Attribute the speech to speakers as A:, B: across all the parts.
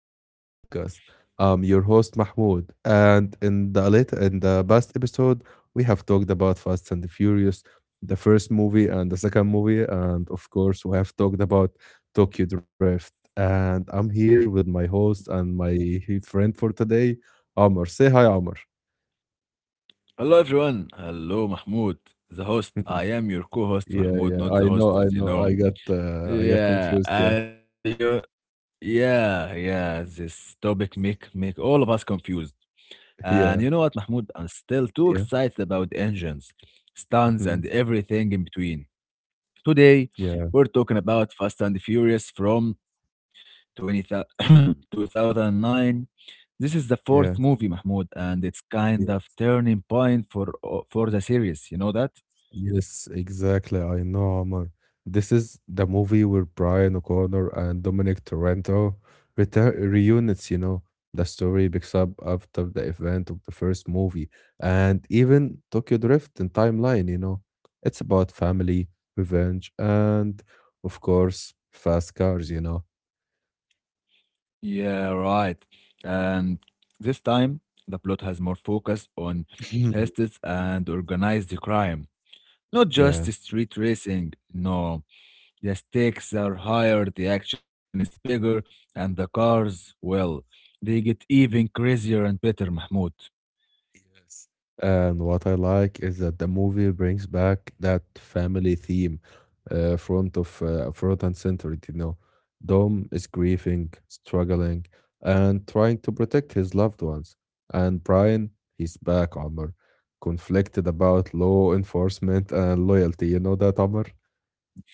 A: of our podcast. I'm your host Mahmoud, and in the late in the past episode, we have talked about Fast and the Furious, the first movie and the second movie, and of course, we have talked about Tokyo Drift. And I'm here with my host and my friend for today, Amr. Say hi, Amr.
B: Hello everyone. Hello Mahmoud, the host. I am your co-host
A: Yeah,
B: Mahmoud,
A: yeah,
B: not the
A: I
B: host,
A: know, I
B: as you
A: know.
B: know.
A: I got
B: Yeah,
A: confused. Yeah,
B: and you, yeah, yeah. This topic make all of us confused. And you
A: yeah,
B: know what, Mahmoud? I'm still too
A: yeah,
B: excited about engines, stunts,
A: mhm,
B: and everything in between. Today,
A: yeah,
B: we're talking about Fast and Furious from 20 thousand 2009. This is the fourth movie,
A: yeah.
B: Mahmoud, and it's kind of turning point for for the series. You know that?
A: Yes, exactly. I know, Omar. This is the movie where Brian O'Connor and Dominic Toretto return reunites, you know. The story picks up after the event of the first movie and even Tokyo Drift and timeline, you know. It's about family, revenge, and of course, fast cars, you know.
B: Yeah, right. And this time, the plot has more focus on justice and organized crime. Not
A: Yeah.
B: just street racing, no. The stakes are higher, the action is bigger, and the cars, well, they get even crazier and better, Mahmoud.
A: Yes. And what I like is that the movie brings back that family theme front of front and center, you know. Dom is grieving, struggling, and trying to protect his loved ones. And Brian, he's back, Omar, conflicted about law enforcement and loyalty. You know that, Omar?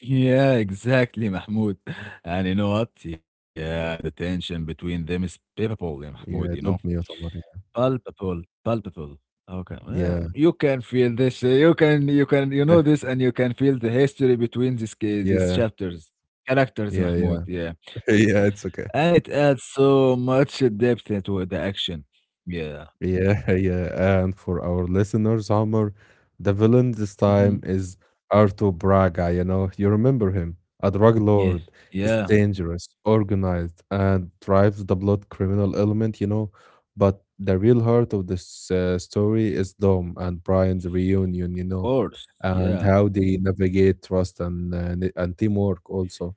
B: Yeah, exactly, Mahmoud. And you know what? Yeah, the tension between them is palpable, yeah, Mahmoud,
A: Yeah, don't mute, Omar.
B: Palpable, palpable. Okay.
A: Yeah,
B: You can feel this. You can, you
A: yeah,
B: know this, and you can feel the history between these
A: yeah,
B: chapters, characters,
A: yeah. Yeah,
B: Mahmoud. Yeah.
A: yeah, it's okay.
B: And it adds so much depth into the action. Yeah.
A: Yeah, yeah. And for our listeners, Homer, the villain this time
B: Hmm.
A: is Arto Braga, you know, you remember him, a drug lord.
B: Yeah,
A: He's
B: yeah, of
A: dangerous, organized, and drives the blood criminal element, you know. But the real heart of this story is Dom and Brian's reunion, you know,
B: course.
A: and
B: Yeah,
A: how they navigate trust and and teamwork also.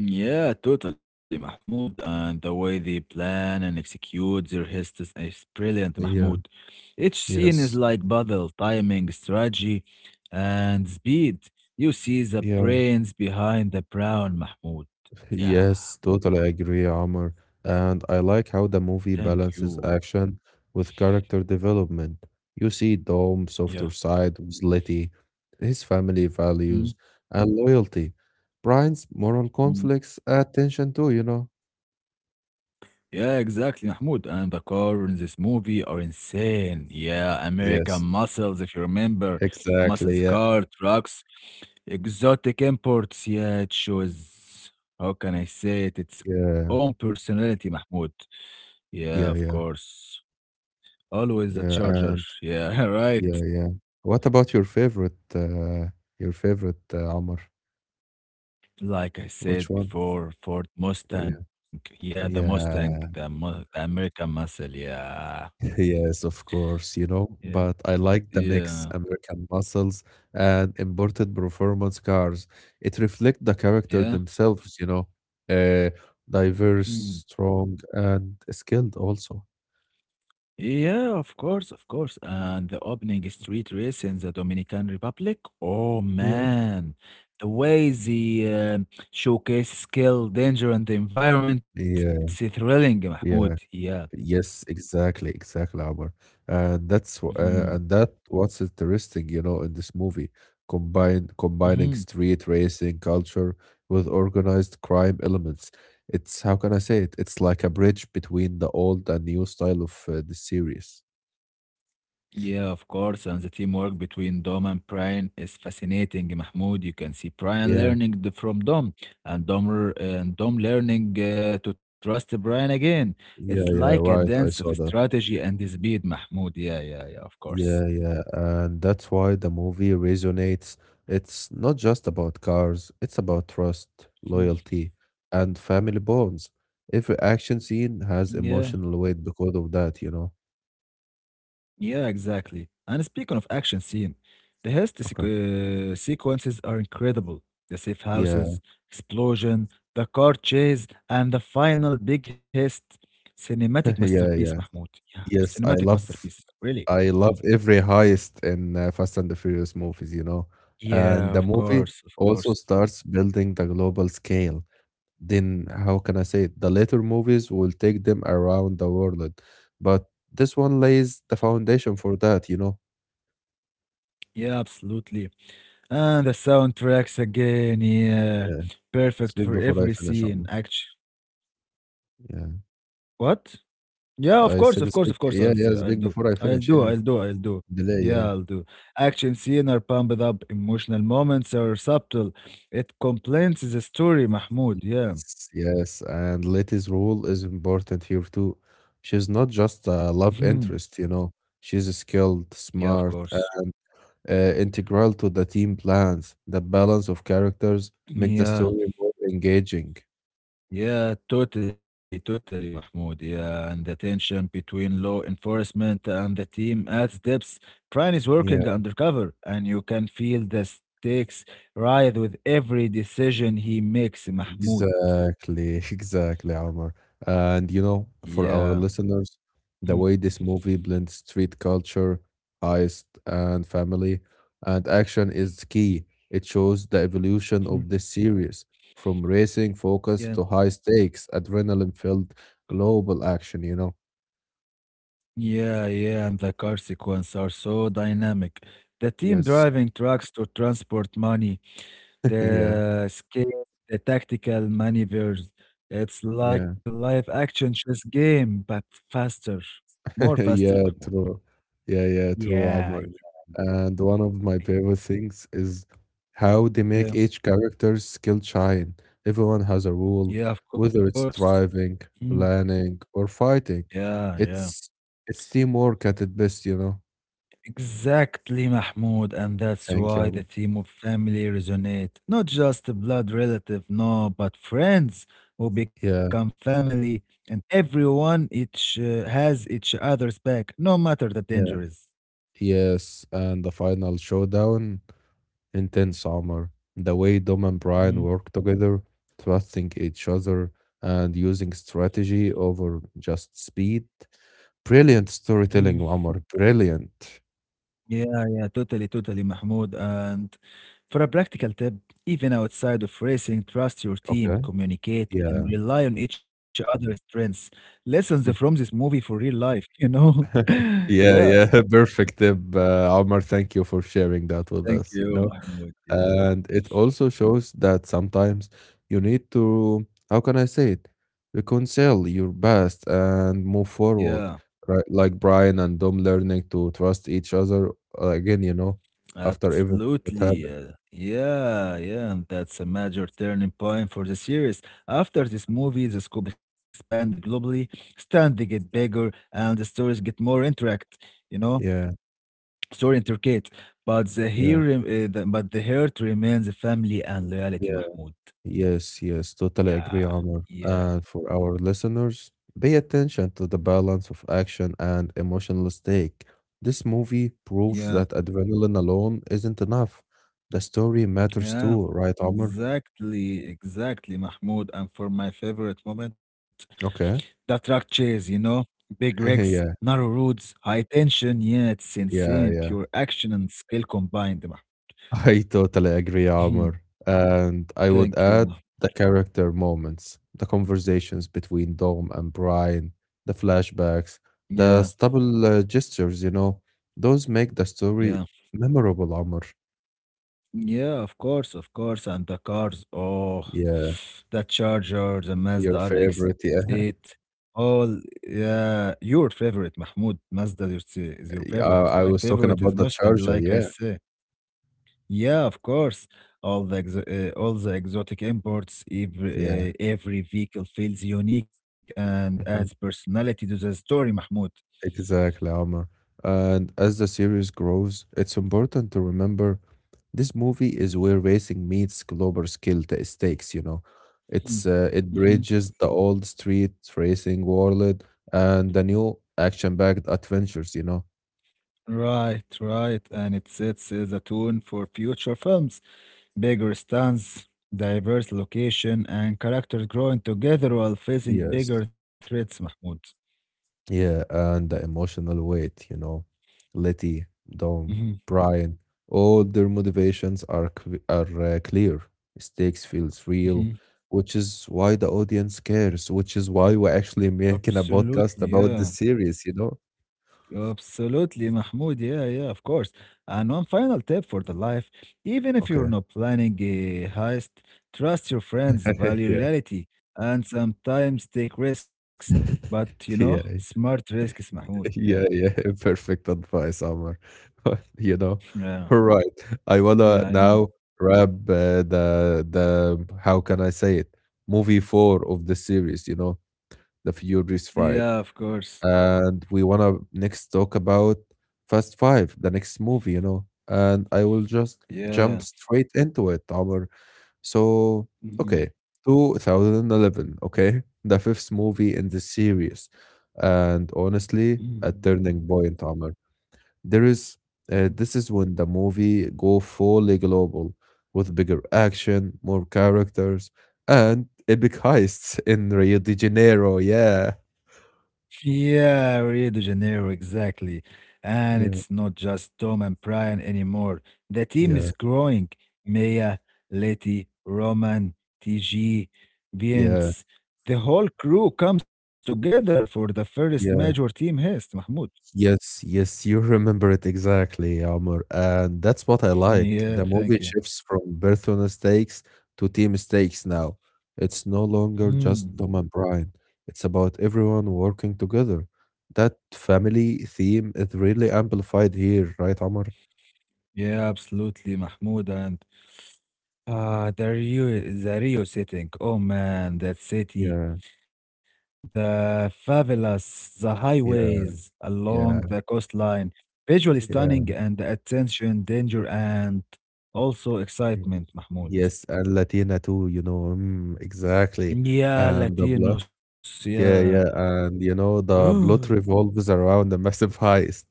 B: yeah, totally, Mahmoud. And the way they plan and execute their hisses is brilliant, Mahmoud.
A: Yeah,
B: Each scene is
A: yes.
B: like puzzle, timing, strategy, and speed. You see the
A: Yeah.
B: brains behind the brown, Mahmoud. Yeah,
A: Yes, totally agree, Omar. And I like how the
B: thank
A: movie
B: you.
A: balances action with character development. You see Dom
B: Yeah.
A: softer side with Letty, his family
B: Hmm.
A: values and loyalty. Brian's moral conflicts add tension too, you know?
B: Yeah, exactly, Mahmoud. And the car in this movie are insane. Yeah, American
A: Yes,
B: muscles, if you remember.
A: exactly.
B: Muscles,
A: Yeah,
B: car, trucks, exotic imports. Yeah, it shows, how can I say it, its
A: yeah,
B: own personality, Mahmoud. Yeah,
A: yeah,
B: of
A: yeah,
B: course. Always a
A: yeah.
B: charger.
A: And
B: Yeah, right.
A: yeah, yeah. What about your favorite, uh, Omar?
B: Like I
A: Which
B: said
A: one?
B: before, Ford
A: Yeah.
B: Mustang. Yeah, the Mustang, the,
A: Yeah.
B: the American muscle. Yeah.
A: Yes, of course, you know,
B: Yeah.
A: but I like the
B: Yeah.
A: mix American muscles and imported performance cars. It reflects the character
B: Yeah.
A: themselves, you know, uh, diverse, strong, and skilled also.
B: Yeah, of course, of course. And the opening street race in the Dominican Republic. Oh
A: Yeah.
B: man, the way the showcase skill, danger, and the environment,
A: Yeah,
B: it's thrilling, Mahmoud.
A: yeah.
B: Yeah.
A: Yes, exactly, exactly, Omar. And that's wh- uh,
B: Mhm.
A: and that what's interesting, you know, in this movie, combine combining
B: Mhm.
A: street racing culture with organized crime elements. It's how can I say it? It's like a bridge between the old and new style of the series.
B: Yeah, of course. And the teamwork between Dom and Brian is fascinating, Mahmoud. You can see Brian
A: Yeah,
B: learning from Dom and Dom learning to trust Brian again. It's
A: yeah,
B: like
A: yeah,
B: a
A: right.
B: dance of
A: I saw that.
B: strategy and speed, Mahmoud. Yeah, yeah, yeah, of course.
A: Yeah, yeah, and that's why the movie resonates. It's not just about cars, it's about trust,
B: Mm.
A: loyalty, and family bonds. Every action scene has
B: Yeah.
A: emotional weight because of that, you know?
B: Yeah, exactly. And speaking of action scene, the heist
A: Okay.
B: sequ- uh, sequences are incredible. The safe
A: Yeah,
B: houses, explosion, the car chase, and the final big heist. Cinematic
A: yeah,
B: masterpiece,
A: yeah.
B: Mahmoud. Yeah,
A: Yes,
B: cinematic masterpiece. Really?
A: I love every heist in Fast and the Furious movies, you know. And
B: Yeah,
A: the
B: of
A: movie
B: course, of
A: also
B: course.
A: starts building the global scale. Then how can I say it? The later movies will take them around the world, but this one lays the foundation for that, you know.
B: Yeah, absolutely. And the soundtracks again, yeah.
A: Yeah,
B: Perfect
A: speak
B: for
A: before I
B: every
A: finish.
B: scene,
A: Amma.
B: actually.
A: Yeah,
B: What? Yeah, of course,
A: I
B: of course,
A: said
B: of course.
A: speak. Yeah,
B: I'll
A: yeah,
B: do,
A: speak before I finish. Yeah,
B: I'll do.
A: delay.
B: Yeah,
A: Yeah,
B: I'll do. Action scene are pumped up, emotional moments are subtle. It complements the story, Mahmoud. Yeah.
A: yes, yes. And Letty's role is important here too. She's not just a love
B: Mhm.
A: interest, you know. She's skilled,
B: Yeah, of
A: smart,
B: course.
A: integral to the team plans. The balance of characters make the
B: Yeah,
A: story more engaging.
B: yeah, totally, Mahmoud. Yeah, and the tension between law enforcement and the team adds depth. Brian is working
A: Yeah.
B: undercover, and you can feel the stakes rise with every decision he makes, Mahmoud.
A: Exactly, exactly, Omar. And you know, for
B: Yeah.
A: our listeners,
B: Hmm.
A: the way this movie blends street culture, heist, and family and action is key. It shows the evolution
B: Mhm.
A: of this series from racing focus
B: Yeah,
A: to high stakes, adrenaline filled global action, you know?
B: yeah, and the car sequence are so dynamic. The team
A: Yes.
B: driving trucks to transport money,
A: Yeah,
B: the scale, the tactical maneuvers. It's
A: yeah.
B: like a live action chess game, but faster, more faster,
A: Yeah,
B: Mahmoud.
A: true. Yeah, yeah, true, Omar.
B: Yeah, yeah,
A: And one of my
B: yeah,
A: favorite things is how they make
B: yeah,
A: each character's skill shine. Everyone has a role,
B: yeah, of
A: whether it's
B: course.
A: driving,
B: Mm.
A: planning, or fighting.
B: Yeah, yeah.
A: It's it's teamwork at its best, you know.
B: Exactly, Mahmoud, and that's
A: Thank you,
B: why
A: Omar.
B: the theme of family resonate. Not just a blood relative, no, but friends who become
A: Yeah,
B: family, and everyone each has each other's back, no matter the
A: yeah.
B: dangers.
A: Yes, and the final showdown intense armor. The way Dom and Brian
B: Mhm,
A: work together, trusting each other and using strategy over just speed. Brilliant
B: mm.
A: storytelling, Omar. Brilliant.
B: Yeah, yeah, totally, Mahmoud. And for a practical tip, even outside of racing, trust your team,
A: Okay.
B: communicate, and
A: Yeah.
B: rely on each other's strengths. Lessons from this movie for real life, you know?
A: Yeah,
B: yeah.
A: yeah. Perfect tip, Omar. Thank you for sharing that with
B: Thank
A: us, you
B: you,
A: know.
B: Mahmoud. Yeah,
A: And it also shows that sometimes you need to, how can I say it, reconcile your past and move
B: yeah,
A: forward. Right, like Brian and Dom learning to trust each other again, you know, after everything that happened.
B: absolutely. Yeah, yeah, and that's a major turning point for the series. After this movie, the scope expanded globally, standing get bigger, and the stories get more interact. You know,
A: Yeah,
B: story intricate, but
A: yeah,
B: the heart remains the family and loyalty,
A: yeah.
B: Mahmoud.
A: Yes, yes, totally agree,
B: Yeah,
A: Omar.
B: yeah,
A: And for our listeners, pay attention to the balance of action and emotional stake. This movie proves
B: yeah,
A: that adrenaline alone isn't enough. The story matters
B: yeah.
A: too, right, Omar?
B: Exactly, exactly, Mahmoud. And for my favorite moment. The
A: Okay.
B: truck chase, you know, big rigs,
A: Yeah,
B: narrow roads, high tension. Yeah, it's insane.
A: yeah, yeah.
B: Pure action and skill combined. Mah.
A: I totally agree,
B: Mhm.
A: Amr. And I would
B: Thank you,
A: add
B: ma.
A: the character moments, the conversations between Dom and Brian, the flashbacks,
B: Yeah,
A: the stubble gestures, you know, those make the
B: yeah,
A: story memorable, Amr.
B: yeah. Of course, of course. And the cars. Oh,
A: Yeah,
B: the Charger, the Mazda
A: your favorite.
B: RX-8.
A: Yeah,
B: All, yeah. Your favorite, Mahmoud. Mazda is your favorite. My
A: I was talking
B: favorite is
A: about the
B: Mustang,
A: charger.
B: like I
A: Yeah,
B: say. Yeah, of course. All the exotic imports,
A: yeah.
B: every vehicle feels unique and adds personality to the story, Mahmoud.
A: Exactly, Omar. And as the series grows, it's important to remember this movie is where racing meets global stakes, you know. It's
B: Mhm.
A: it
B: Mhm.
A: bridges the old street racing world and the new action-packed adventures, you know.
B: Right, right. And it sets the tone for future films. Bigger stands, diverse location, and characters growing together while facing
A: Yes.
B: bigger threats, Mahmoud.
A: Yeah, and the emotional weight, you know, Letty, Dom,
B: Mhm.
A: Brian, all their motivations are clear. Stakes feels real,
B: Mhm.
A: which is why the audience cares, which is why we're actually making a
B: Absolutely,
A: podcast
B: yeah.
A: about the series, you know?
B: Absolutely, Mahmoud. Yeah, yeah, of course. And one final tip for the life, even if you're
A: Okay.
B: not planning a heist, trust your friends, value
A: Yeah.
B: reality, and sometimes take risks. But you know,
A: Yeah,
B: smart risks, Mahmoud. Yeah,
A: yeah, yeah, perfect advice, Amr. You know,
B: yeah,
A: all right. I
B: yeah,
A: wanna
B: I know.
A: now wrap the how can I say it? Movie four of the series, you know, The Furious
B: Yeah, of
A: Ride,
B: course.
A: and we wanna next talk about Fast Five, the next movie, you know, and I will just jump
B: Yeah.
A: straight into it, Amr. So, okay,
B: Mhm.
A: 2011, okay, the fifth movie in this series. And honestly, a turning
B: Mm.
A: point, Amr. There is, this is when the movie go fully global with bigger action, more characters, and epic heists in Rio de Janeiro. Yeah.
B: Yeah, Rio de Janeiro, exactly. And
A: Yeah.
B: it's not just Tom and Brian anymore. The team
A: Yeah.
B: is growing. Maya, Letty, Roman, TG,
A: Yeah.
B: Vince. The whole crew comes together for the first major
A: Yeah.
B: team heist, Mahmoud.
A: Yes, yes, you remember it exactly, Omar. And that's what I like.
B: Yeah,
A: The
B: thank
A: movie
B: you.
A: shifts from birthday mistakes to team mistakes now. It's no longer
B: Mhm.
A: just Dom and Brian. It's about everyone working together. That family theme is really amplified here, right, Omar?
B: Yeah, absolutely, Mahmoud. And ah, the Rio, the Rio setting. Oh man, that city.
A: Yeah,
B: The fabulous, the
A: yeah,
B: highways along
A: yeah,
B: the coastline, visually
A: yeah.
B: stunning and the attention, danger, and also
A: y-
B: excitement, Mahmoud.
A: Yes, and Latina too, you know. Mm, exactly.
B: Yeah,
A: And the blood.
B: Latinos, yeah.
A: Yeah, yeah, and you know, the
B: Ooh.
A: plot revolves around a massive heist.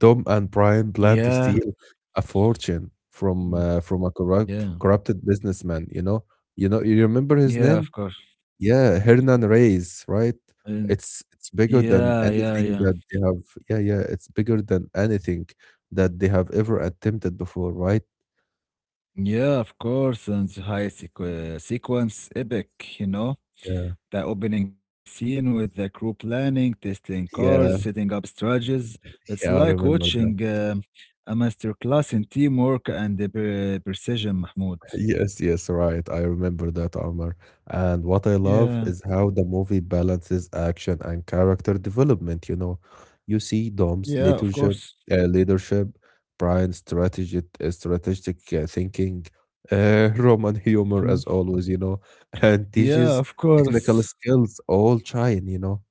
A: Tom and Brian plan to
B: Yeah,
A: steal a fortune
B: mm,
A: from a
B: yeah,
A: corrupted businessman, you know. You know, you remember his
B: yeah,
A: name?
B: of course.
A: Yeah, Hernan Reyes, right?
B: And
A: It's bigger
B: yeah,
A: than
B: yeah, yeah.
A: anything that they have. Yeah, yeah, it's bigger than anything that they have ever attempted before, right?
B: Yeah, of course. And the high sequ sequence, epic, you know?
A: Yeah.
B: The opening scene with the crew planning, testing cars,
A: Yeah,
B: setting up strategies. It's
A: yeah,
B: like
A: I remember
B: watching um a masterclass in teamwork and the precision, Mahmoud.
A: Yes, yes, right. I remember that, Omar. And what I love
B: Yeah,
A: is how the movie balances action and character development, you know. You see
B: yeah,
A: Dom's
B: of course.
A: leadership, uh, leadership, Brian's strategic thinking, Roman humor
B: Mhm.
A: as always, you know, and
B: Yeah,
A: teaches
B: of
A: technical
B: course.
A: skills all shine, you know.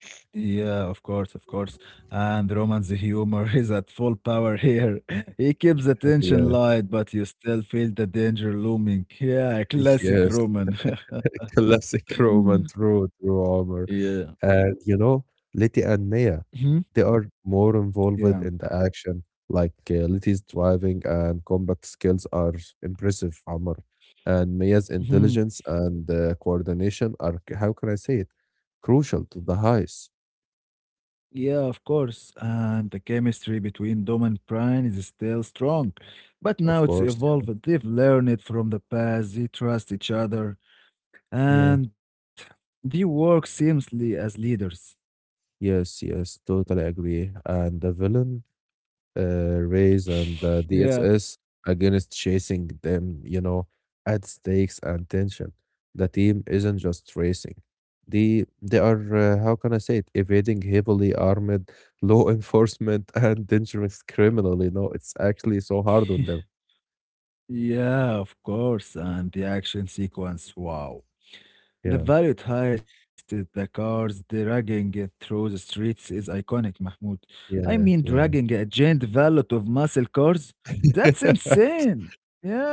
B: Yeah, of course, of course. And Roman's humor is at full power here. He keeps the tension
A: Yeah,
B: light, but you still feel the danger looming. Yeah, classic
A: yes.
B: Roman.
A: Classic Roman,
B: Mm.
A: true, true Omar.
B: Yeah.
A: And you know, Letty and Maya.
B: Mhm.
A: They are more involved
B: Yeah.
A: in the action, like Letty's driving and combat skills are impressive, Amr. And Mia's
B: Mhm.
A: intelligence and coordination are, c- how can I say it, crucial to the heist,
B: Yeah, of course. And the chemistry between Dom and Brian is still strong. But
A: of
B: now it's
A: course. Yeah,
B: evolved. They've learned from the past. They trust each other.
A: yeah,
B: And they work seamlessly as leaders.
A: yes, yes, totally agree. And the villain uh, Rays and
B: Yeah.
A: DSS against chasing them, you know, add stakes and tension. The team isn't just racing. They are how can I say it, evading heavily armed law enforcement and dangerous criminal, you know. It's actually so hard on them.
B: Yeah, of course. And the action sequence, wow. The
A: Yeah,
B: valued heist, is the cars dragging it through the streets is iconic, Mahmoud. I mean,
A: yeah,
B: dragging a giant valet of muscle cars?
A: yeah.
B: That's insane.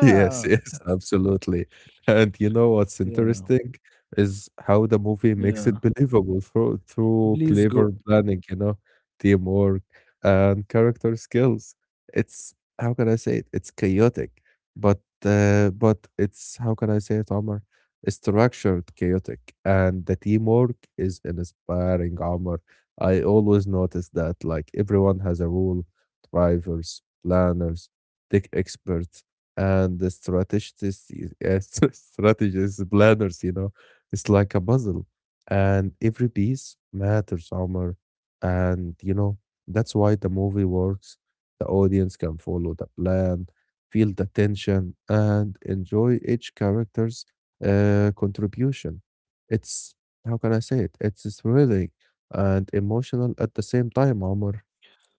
A: Yes, yes, absolutely. And you know what's
B: Yeah,
A: interesting is how the movie
B: yeah.
A: makes it believable
B: Please
A: through
B: go.
A: clever planning, you know, teamwork and character skills. It's how can I say it? It's chaotic, but but it's how can I say it, Omar? It's structured chaotic, and the teamwork is inspiring, Omar. I always notice that like everyone has a role, drivers, planners, tech experts and the strategists, strategists, planners, you know, it's like a puzzle, and every piece matters, Omar. And you know, that's why the movie works. The audience can follow the plan, feel the tension, and enjoy each character's contribution. It's how can I say it? It's thrilling and emotional at the same time, Omar.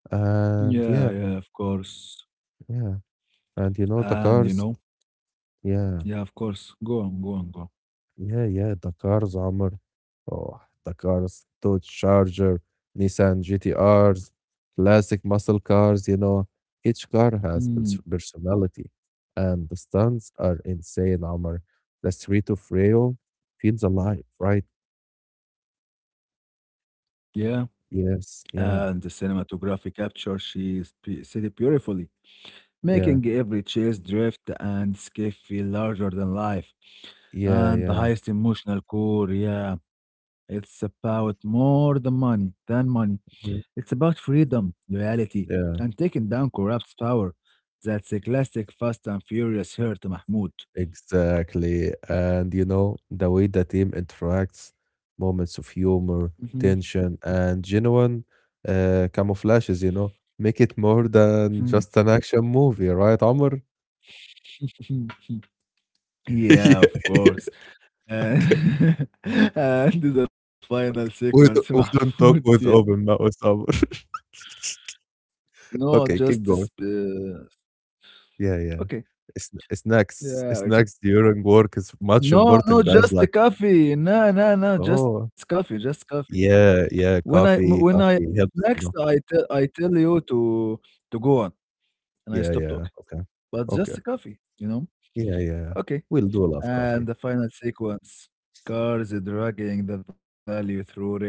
A: And
B: Yeah,
A: yeah,
B: yeah, of course.
A: yeah, and you know, the
B: And you
A: cars,
B: know,
A: yeah.
B: yeah, of course. Go on.
A: Yeah, yeah, the cars, Amr. Oh, the cars, Dodge Charger, Nissan GTRs, classic muscle cars, you know. Each car has
B: Mm,
A: personality, and the stunts are insane, Amr. The street of Rio feels alive, right?
B: yeah,
A: Yes,
B: and
A: yeah,
B: the cinematography capture said it beautifully,
A: yeah,
B: making every chase drift and escape feel larger than life.
A: yeah,
B: And the
A: yeah,
B: highest emotional core, yeah, it's about more than money.
A: yeah,
B: It's about freedom, loyalty,
A: yeah.
B: and taking down corrupt power. That's a classic Fast and Furious hurt, Mahmoud.
A: Exactly. And you know, the way the team interacts, moments of humor,
B: Mhm,
A: tension, and genuine camouflages, you know, make it more than
B: mhm,
A: just an action movie, right, Amr?
B: mhm.
A: Yeah,
B: yeah, of
A: yeah.
B: course. Uh,
A: Okay.
B: and the final sequence,
A: We don't, we
B: Mahmoud.
A: don't talk
B: Yeah.
A: with open mouth, Amr.
B: No,
A: Okay,
B: just
A: keep going. Yeah, yeah.
B: okay.
A: Snacks,
B: Yeah.
A: snacks during work is much
B: No, no,
A: important, guys.
B: just the
A: Like,
B: coffee. No, no, no, just
A: oh,
B: coffee, just coffee.
A: yeah,
B: When
A: yeah,
B: I m- when
A: coffee,
B: I
A: coffee
B: next
A: helps, you
B: I
A: know.
B: tell I tell you to go on, and I
A: Yeah,
B: stop
A: yeah.
B: talking.
A: Okay.
B: But
A: Okay.
B: just coffee, you know?
A: Yeah, yeah.
B: Okay.
A: We'll do love
B: And
A: coffee.
B: the final sequence cars dragging the value through Rio,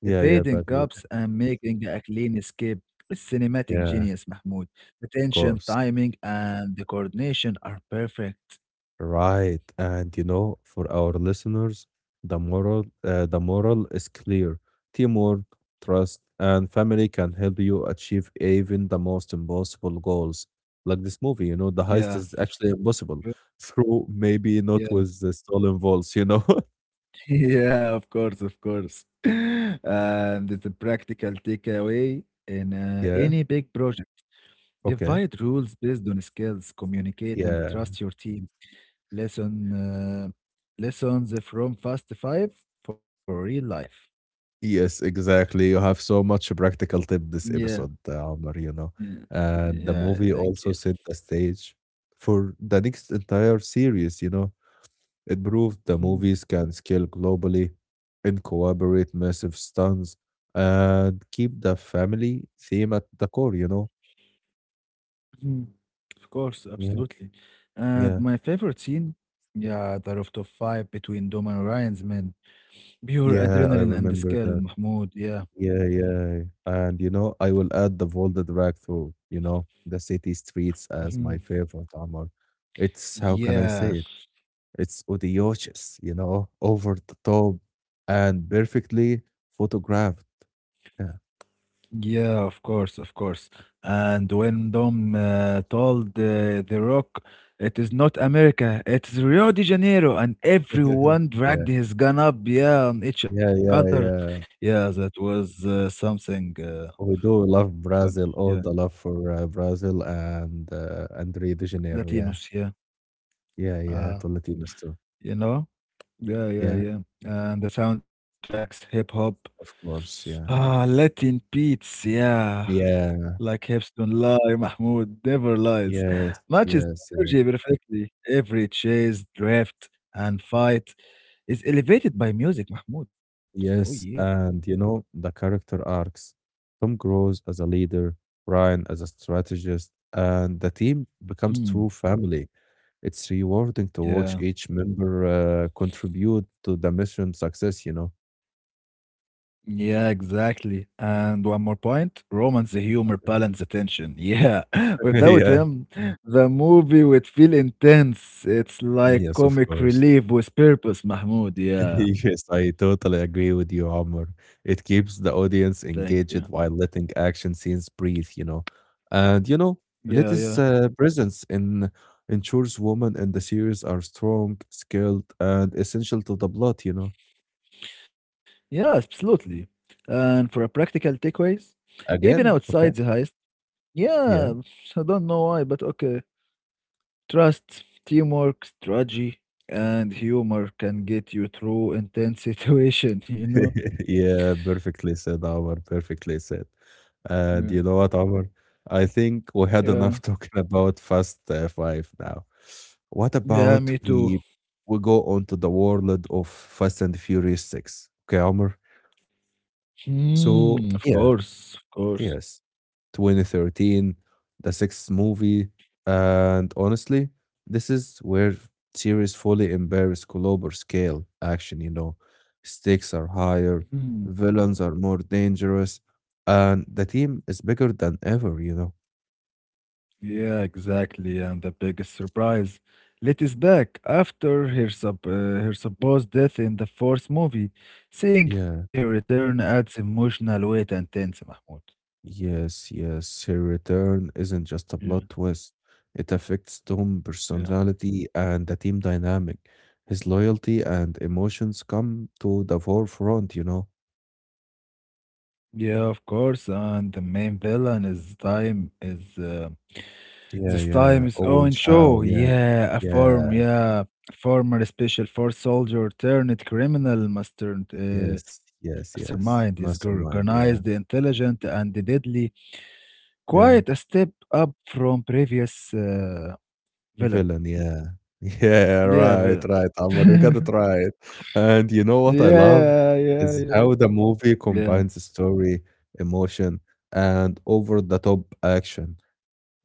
A: Yeah, yeah, but
B: cops
A: you
B: and making a clean escape. It's cinematic
A: yeah,
B: genius, Mahmoud. The
A: of
B: tension,
A: course.
B: timing, and the coordination are perfect.
A: Right. And you know, for our listeners, the moral is clear. Teamwork, trust, and family can help you achieve even the most impossible goals. Like this movie, the heist
B: Yeah.
A: is actually impossible through maybe
B: Yeah.
A: not with the stolen vaults?
B: Yeah, of course, of course. And it's a practical takeaway in
A: Yeah.
B: any big project.
A: Okay.
B: Divide rules based on skills, communicate, and
A: Yeah.
B: trust your team. Lesson uh, lessons from Fast Five for real life.
A: Yes, exactly. You have so much practical tip this
B: Yeah,
A: episode, Omar,
B: yeah, yeah.
A: And the
B: Yeah,
A: movie
B: thank you.
A: also set the stage for the next entire series, It proved the
B: Mm,
A: movies can scale globally and cooperate massive stunts and keep the family theme at the core,
B: mm. Of course,
A: Yeah,
B: absolutely. And
A: yeah,
B: my favorite scene, yeah, the rooftop fight between Dom and Ryan's men. Pure
A: yeah, I
B: adrenaline and
A: remember
B: skill,
A: that.
B: Mahmoud. Yeah.
A: Yeah, yeah. And you know, I will add the Volta drag through, you know, the city streets as my
B: Mhm.
A: favorite armor. It's how can I say
B: Yeah.
A: it? It's audacious, you know, over the top and perfectly photographed. Yeah.
B: Yeah, of course, of course. And when Dom told The Rock, it is not America, it's Rio de Janeiro, and everyone
A: Yeah,
B: dragged his gun up, yeah, on each
A: yeah,
B: other.
A: yeah, yeah.
B: Yeah, that was something
A: We do love
B: funny.
A: Brazil,
B: Yeah,
A: all the love for Brazil and and Rio de Janeiro. Yeah,
B: Latinos, yeah.
A: yeah, yeah.
B: Uh,
A: To Latinos too.
B: you know? Yeah, yeah,
A: Yeah,
B: yeah. And the soundtracks, hip hop.
A: of course.
B: Ah,
A: Yeah,
B: Latin beats, yeah.
A: yeah,
B: Like Hepstone lie, Mahmoud never lies.
A: yes,
B: Matches
A: yes, yes.
B: energy perfectly. Every chase, drift, and fight is elevated by music, Mahmoud. Oh yeah.
A: Yes, and you know, the character arcs. Tom grows as a leader, Ryan as a strategist, and the team becomes
B: Hmm.
A: true family. It's rewarding to watch
B: Yeah.
A: each member contribute to the mission success,
B: Yeah, exactly. And one more point, romance, the humor, balance, attention. Yeah, without
A: yeah.
B: him, the movie would feel intense. It's like
A: Yes, of
B: comic
A: course.
B: relief with purpose, Mahmoud. Yeah,
A: Yes, I totally agree with you, Omar. It keeps the audience
B: thank you.
A: engaged while letting action scenes breathe, And you know,
B: Yeah,
A: Letty's
B: yeah.
A: uh, presence in ensures women in the series are strong, skilled, and essential to the plot,
B: Yeah, absolutely. And for a practical takeaways, even
A: Again, okay,
B: outside the heist,
A: yeah.
B: yeah, I don't know why, but okay. Trust, teamwork, strategy, and humor can get you through intense situation, you know?
A: Yeah, perfectly said, Omar. Perfectly said.
B: Yeah.
A: And you know what, Omar? I think we had
B: Yeah.
A: enough talking about Fast Five now. What
B: Yeah,
A: about
B: me too.
A: we go on to the world of Fast and Furious Six? Okay, Omar.
B: Hmm, of
A: So yeah,
B: course, of course.
A: yes. 2013, the sixth movie. And honestly, this is where series fully embrace global scale action, Stakes are higher,
B: Mhm.
A: villains are more dangerous, and the team is bigger than ever,
B: Yeah, exactly. And the biggest surprise, Let is back after her, her supposed death in the fourth movie. Seeing her
A: Yeah,
B: return adds emotional weight and tense, Mahmoud.
A: yes, yes. Her return isn't
B: Yeah,
A: just a plot twist. It affects Tom's
B: yeah.
A: personality and the team dynamic. His loyalty and emotions come to the forefront,
B: Yeah, of course. And the main villain is time is
A: Yeah,
B: this
A: yeah.
B: time is
A: Owen
B: Owen
A: Chow,
B: Shaw.
A: Yeah,
B: Yeah,
A: yeah.
B: former special force soldier turned criminal master,
A: Yes, yes,
B: mastermind.
A: yes. Mastermind.
B: Organized,
A: Yeah,
B: intelligent, and deadly. Quite a
A: yeah.
B: step up from previous, villain.
A: Villain. Yeah, yeah.
B: Yeah,
A: Right,
B: villain.
A: right. Amr, you got it right. And you know what I love
B: Yeah, yeah,
A: is
B: yeah.
A: how the movie
B: Yeah.
A: combines story, emotion, and over-the-top action.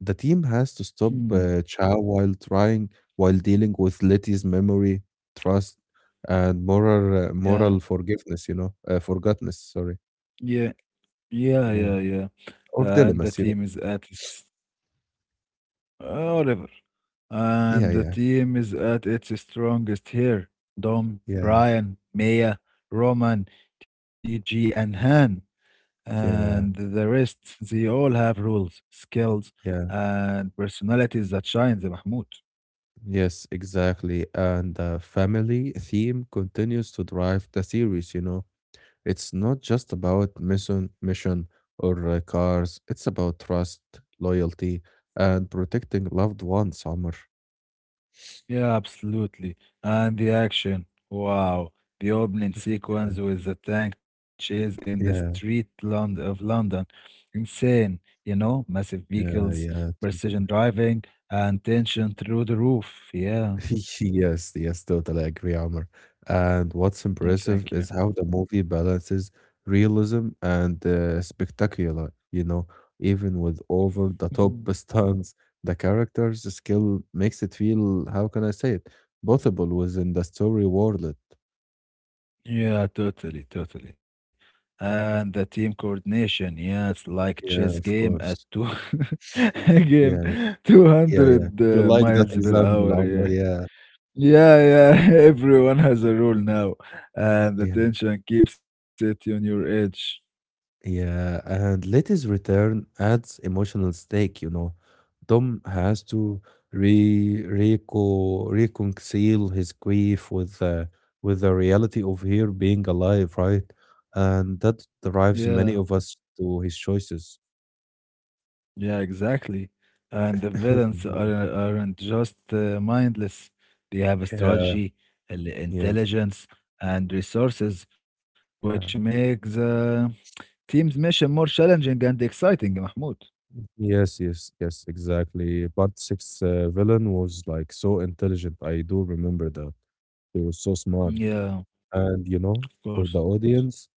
A: The team has to stop
B: Hmm.
A: Chao while trying, while dealing with Letty's memory, trust, and moral, uh,
B: Yeah.
A: moral forgiveness. You know, forgottenness. Sorry.
B: Yeah. Yeah, yeah,
A: Yeah.
B: yeah.
A: Or
B: And the
A: dilemmas, you
B: team
A: know?
B: is at its whatever. And
A: Yeah,
B: the
A: yeah,
B: team is at its strongest here. Dom,
A: yeah,
B: Brian, Maya, Roman, TG, and Han. And
A: yeah,
B: the rest, they all have rules, skills,
A: yeah.
B: and personalities that shine, the Mahmoud.
A: Yes, exactly. And the family theme continues to drive the series, you know? It's not just about mission or cars. It's about trust, loyalty, and protecting loved ones, Summer.
B: Yeah, absolutely. And the action. Wow. The opening
A: Yeah,
B: sequence with the tank chase in the street
A: yeah,
B: Lond of London. Insane, you know, massive
A: yeah,
B: vehicles,
A: yeah,
B: precision
A: totally.
B: driving, and tension through the roof. Yeah.
A: Yes, yes, totally agree, Amr. And what's
B: Yeah,
A: impressive
B: thank you.
A: is how the movie balances realism and spectacular, you know, even with over the
B: Mhm.
A: top stunts, the characters skill makes it feel, how can I say it, possible within the story world.
B: Yeah, totally, totally. And the team coordination, yeah, it's like chess
A: Yeah, of
B: game at
A: course.
B: two again,
A: Yeah, yeah, yeah.
B: 200
A: You like that
B: miles per
A: example,
B: hour.
A: Amr.
B: Yeah.
A: Yeah,
B: Yeah, yeah. Everyone has a role now, and the
A: yeah.
B: tension keeps it on your edge.
A: Yeah, and Letty's return adds emotional stake, Tom has to re reco reconcile his grief with with the reality of her being alive, right? And that drives
B: Yeah,
A: many of us to his choices.
B: yeah, exactly. And the aren't just mindless. They have a
A: Yeah,
B: strategy, an
A: yes,
B: intelligence, and resources, which
A: yeah.
B: makes the team's mission more challenging and exciting, Mahmoud.
A: Yes, yes, yes, exactly. Part six villain was like so intelligent. I do remember that. He was so smart.
B: Yeah,
A: And you know,
B: of
A: for the
B: course.
A: audience,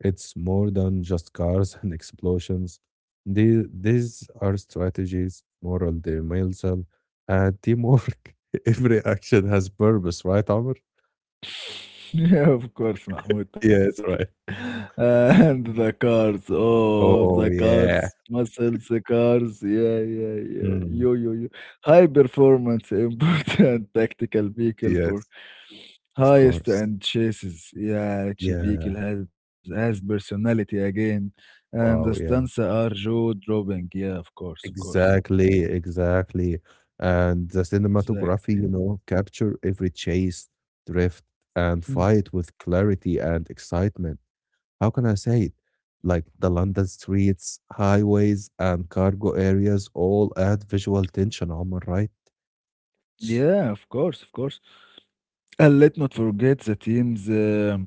A: it's more than just cars and explosions. These are strategies, moral dimension, and teamwork. Every action has purpose, right, Amr?
B: Yeah, of course, Mahmoud, totally.
A: Yes, right.
B: And the cars, oh, the
A: Oh,
B: cars,
A: yeah.
B: muscles, the cars, yeah, yeah, yeah,
A: Mm.
B: yo, yo, yo. High performance, important tactical vehicle for
A: Yes. Of
B: highest
A: course.
B: and chases. Yeah, each vehicle
A: Yeah.
B: has personality again, and the
A: Wow.
B: stunts
A: Yeah.
B: are jaw dropping. Yeah, of course,
A: Exactly. Exactly. And the cinematography,
B: exactly.
A: you know, capture every chase, drift, and
B: Hmm.
A: fight with clarity and excitement. How can I say it? Like the London streets, highways, and cargo areas all add visual tension, Omar, right?
B: Yeah, of course, of course. And let's not forget the team's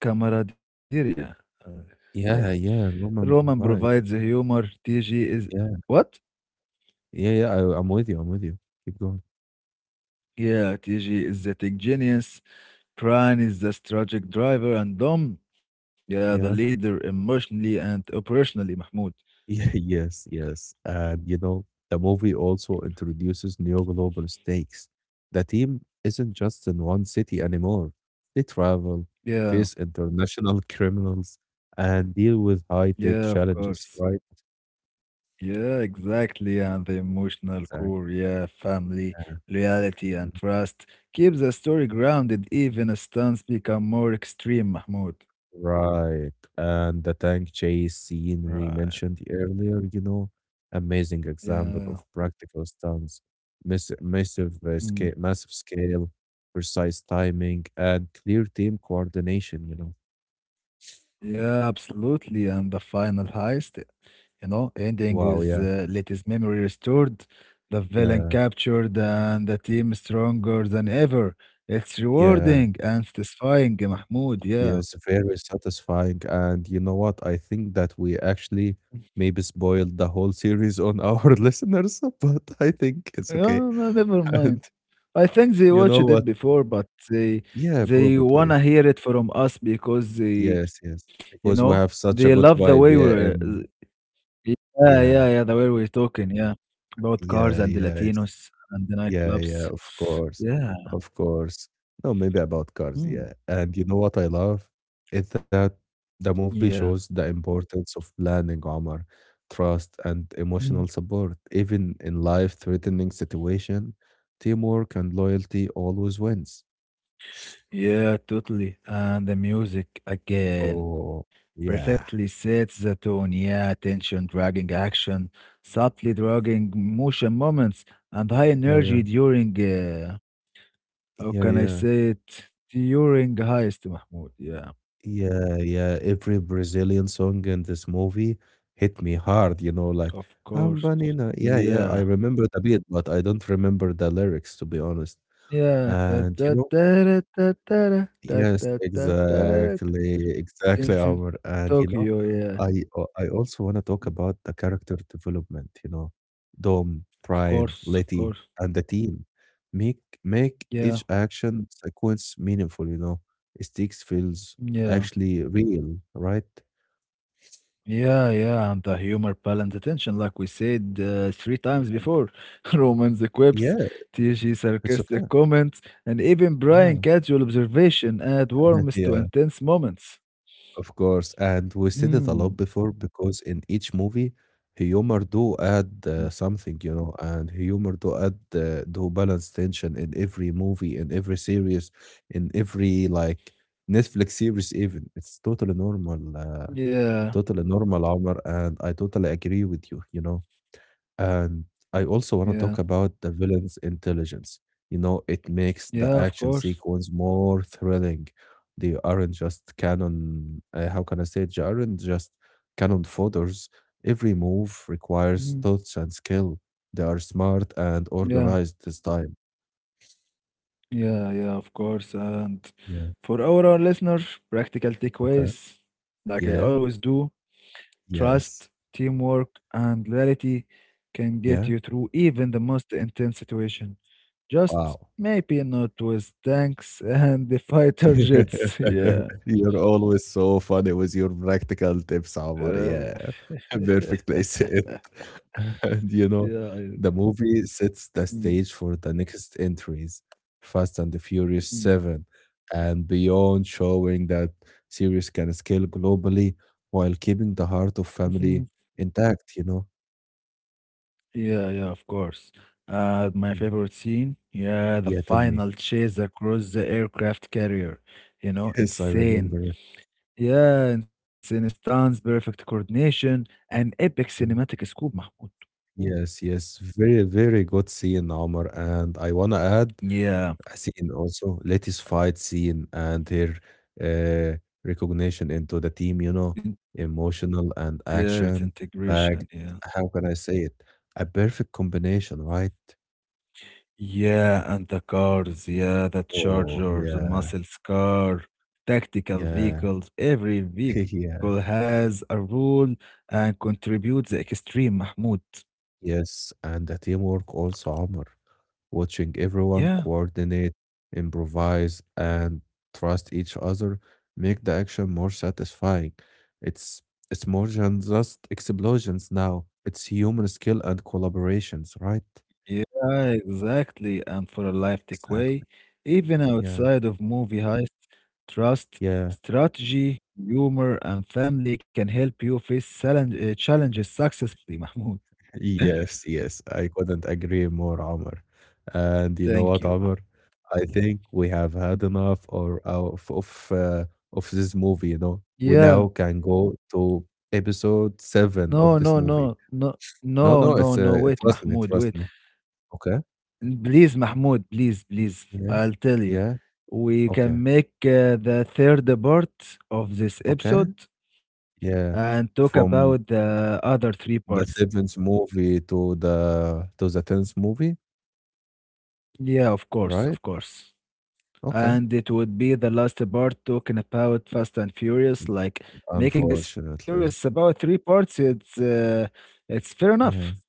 B: camaraderie. Uh, ماشي.
A: Yeah, yeah,
B: Roman
A: Roman
B: provides the
A: provide.
B: humor. TG is
A: Yeah,
B: what?
A: yeah, yeah. I'm with you. I'm with you. Keep going.
B: Yeah, TG is the tech genius. Brian is the strategic driver, and Dom, yeah, the
A: Yeah,
B: leader emotionally and operationally. Mahmoud.
A: yeah, yes, yes. And you know, the movie also introduces new global stakes. The team isn't just in one city anymore. They travel,
B: Yeah,
A: face international criminals, and deal with high
B: yeah, of
A: tech
B: course.
A: challenges, right?
B: Yeah, exactly. And the emotional
A: Exactly.
B: core, yeah, family, loyalty, and trust keeps the story grounded even as stunts become more extreme, Mahmoud.
A: Right. And the tank chase scene we
B: Right.
A: mentioned earlier, you know, amazing example
B: Yeah.
A: of practical stunts, scale,
B: Mm.
A: massive scale, precise timing, and clear team coordination,
B: Yeah, absolutely. And the final heist, you know, ending
A: Wow,
B: with
A: yeah,
B: Letty's memory restored, the villain
A: yeah,
B: captured, and the team stronger than ever. It's
A: yeah,
B: rewarding and satisfying, Mahmoud. Yeah.
A: yes, very satisfying. And you know what? I think that we actually maybe spoiled the whole series on our listeners, but I think
B: Yeah,
A: it's okay.
B: no, never mind.
A: And
B: I think they
A: you
B: watched
A: know
B: it
A: what?
B: before, but they
A: Yeah,
B: they
A: probably.
B: wanna hear it from us because they,
A: Yes, yes,
B: you
A: because
B: know,
A: we have such a
B: they
A: good
B: love the
A: vibe,
B: way
A: yeah,
B: we.
A: and
B: Yeah, yeah,
A: yeah,
B: yeah. The way we're talking, yeah, about cars
A: yeah,
B: and the
A: yes,
B: Latinos and the
A: yeah, yeah,
B: nightclubs.
A: of course,
B: Yeah,
A: of course. No, maybe about cars,
B: Mm.
A: yeah. And you know what I love is that the movie
B: Yeah,
A: shows the importance of planning, Omar, trust, and
B: Mm.
A: emotional support. Even in life-threatening situation, teamwork and loyalty always wins.
B: Yeah, totally. And the music again
A: Oh,
B: perfectly
A: yeah,
B: sets the tone. Yeah, tension, dragging action, subtly dragging motion moments, and high
A: yeah, yeah,
B: energy during. How
A: yeah,
B: can I
A: yeah.
B: say it? During heist, Mahmoud. Yeah,
A: Yeah, yeah. Every Brazilian song in this movie hit me hard, you know,
B: of
A: like
B: course.
A: "I'm Banana." Yeah, yeah.
B: Yeah.
A: I remember the beat, but I don't remember the lyrics, to be honest.
B: Yeah. Da
A: And you
B: da
A: know,
B: da da da da da da
A: Yes,
B: da da da.
A: exactly, exactly,
B: Dance in
A: Omar. And you
B: Tokyo,
A: know,
B: yeah.
A: I I also want to
B: Mm,
A: talk about the character development. You know, Dom,
B: of
A: Brian,
B: course, of
A: Letty,
B: course.
A: and the team make each
B: Yeah,
A: action sequence meaningful. You know, sticks feels
B: yeah.
A: actually real, right?
B: Yeah, yeah, and the humor balance attention, like we said three times before. Roman's quips,
A: Yeah,
B: TG
A: it's okay.
B: sarcastic comments, and even
A: Yeah,
B: Brian casual observation add warmth to
A: yeah.
B: intense moments.
A: Of course, and we said it
B: Hmm.
A: a lot before because in each movie, humor do add something, you know, and humor do add do balance tension in every movie, in every series, in every like Netflix series even. It's
B: Yeah,
A: totally normal, Omar, and I totally agree with you, you know. And I also want to
B: yeah,
A: talk about the villain's intelligence. You know, it makes the
B: yeah, of
A: action
B: course.
A: sequence more thrilling. They aren't just how can I say it? They aren't just canon fodders. Every move
B: Mhm.
A: requires thoughts and skill. They are smart and
B: Yeah.
A: organized this time.
B: Yeah, yeah, of course. And
A: Yeah.
B: for our listeners, practical
A: Okay.
B: takeaways, like I
A: Yeah.
B: always do,
A: Yes.
B: trust, teamwork, and loyalty can get
A: Yeah.
B: you through even the most intense situation. Just
A: Wow.
B: maybe not with tanks and the fighter jets. Yeah.
A: You're always so funny with your practical tips, Omar.
B: Uh,
A: Yeah,
B: yeah.
A: perfectly said. And you know,
B: I,
A: the movie sets the
B: mm,
A: stage for the next entries, Fast and the Furious
B: mm,
A: 7, and beyond, showing that series can scale globally while keeping the heart of
B: mhm.
A: family intact, you know?
B: Yeah, yeah, of course. My
A: Mm.
B: favorite scene, yeah, the
A: Yeah, tell me.
B: final chase across the aircraft carrier. You know,
A: Yes, I
B: insane.
A: remember it.
B: Yeah, insane stunts, perfect coordination, and epic cinematic
A: Mhm.
B: scoop, Mahmoud. Ooh.
A: Yes, yes. Very, very good scene, Omar. And I want to add
B: Yeah,
A: Haseen also, latest fight scene and her uh, recognition into the team, you
B: in
A: know, emotional and
B: yeah, it's
A: action
B: integration,
A: Like,
B: yeah.
A: How can I say it? A perfect combination, right?
B: Yeah, and the cars, yeah, the
A: Oh,
B: charger, the
A: yeah,
B: muscle car, tactical
A: yeah,
B: vehicles. Every vehicle
A: yeah.
B: has a role and contributes the extreme, Mahmoud.
A: Yes, and the teamwork also, Omar. Watching everyone
B: Yeah,
A: coordinate, improvise, and trust each other make the action more satisfying. It's it's more than just explosions now. It's human skill and collaborations, right?
B: yeah, exactly. And for a life takeaway,
A: Exactly.
B: even
A: Yeah,
B: outside of movie heists, trust,
A: yeah.
B: strategy, humor, and family can help you face challenges successfully, Mahmoud.
A: Yes, yes, I couldn't agree more, Omar. And you know what,
B: Thank you.
A: Omar? I think we have had enough or of this movie. You know, we
B: Yeah,
A: now can go to episode
B: no,
A: seven
B: no,
A: of this
B: no,
A: movie.
B: no, no,
A: No, no,
B: no,
A: it's
B: no. Wait,
A: trust me,
B: Mahmoud,
A: trust
B: wait.
A: me. Okay,
B: Please, Mahmoud, please, please.
A: yeah,
B: I'll tell you.
A: yeah,
B: We
A: okay,
B: can make the third part of this
A: okay,
B: episode and
A: yeah.
B: talk about
A: From
B: the other three parts.
A: the seventh movie to the tenth movie,
B: Yeah, of course, of
A: right?
B: course.
A: Okay,
B: And it would be the last part talking about Fast and Furious, like making a
A: unfortunately,
B: series about three parts. It's fair
A: yeah.
B: enough.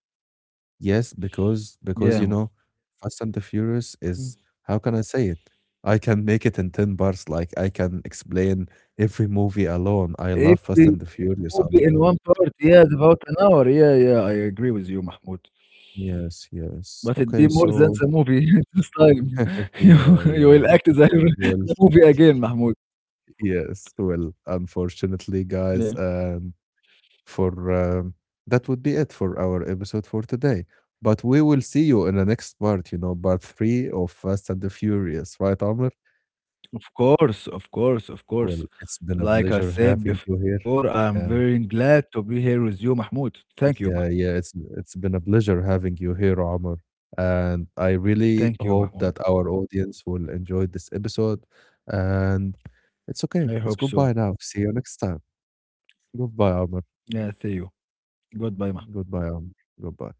A: Yes, because, you know,
B: Yeah,
A: Fast and the Furious is
B: Mm.
A: how can I say it? I can make it in 10 bars. Like I can explain every movie alone. I love Fast and the
B: Every
A: Furious. Omar.
B: movie in one part. Yeah, it's about an hour. Yeah, yeah, I agree with you, Mahmoud.
A: Yes, yes.
B: But it'd be
A: Okay,
B: more than
A: so
B: the movie this time. You
A: yeah,
B: you
A: yeah.
B: will act
A: Well,
B: the movie again, Mahmoud.
A: yes. Well, unfortunately,
B: Yeah.
A: guys, for that would be it for our episode for today. But we will see you in the next part, you know, part three of Fast and the Furious, right, Amr?
B: Of course, of course, of
A: Well,
B: course.
A: it's been a
B: Like
A: pleasure
B: I
A: having
B: said
A: you here.
B: before, I'm
A: Yeah.
B: very glad to be here with you, Mahmoud. Thank you,
A: Yeah,
B: Mahmoud.
A: yeah, it's been a pleasure having you here, Omar. And I really
B: Thank
A: hope
B: you,
A: that our
B: Mahmoud.
A: audience will enjoy this episode. And it's okay. It's
B: I
A: goodbye
B: hope
A: now.
B: so.
A: See you next time. Goodbye, Omar.
B: Yeah, see you. Goodbye, Mahmoud.
A: Goodbye, Omar. Goodbye.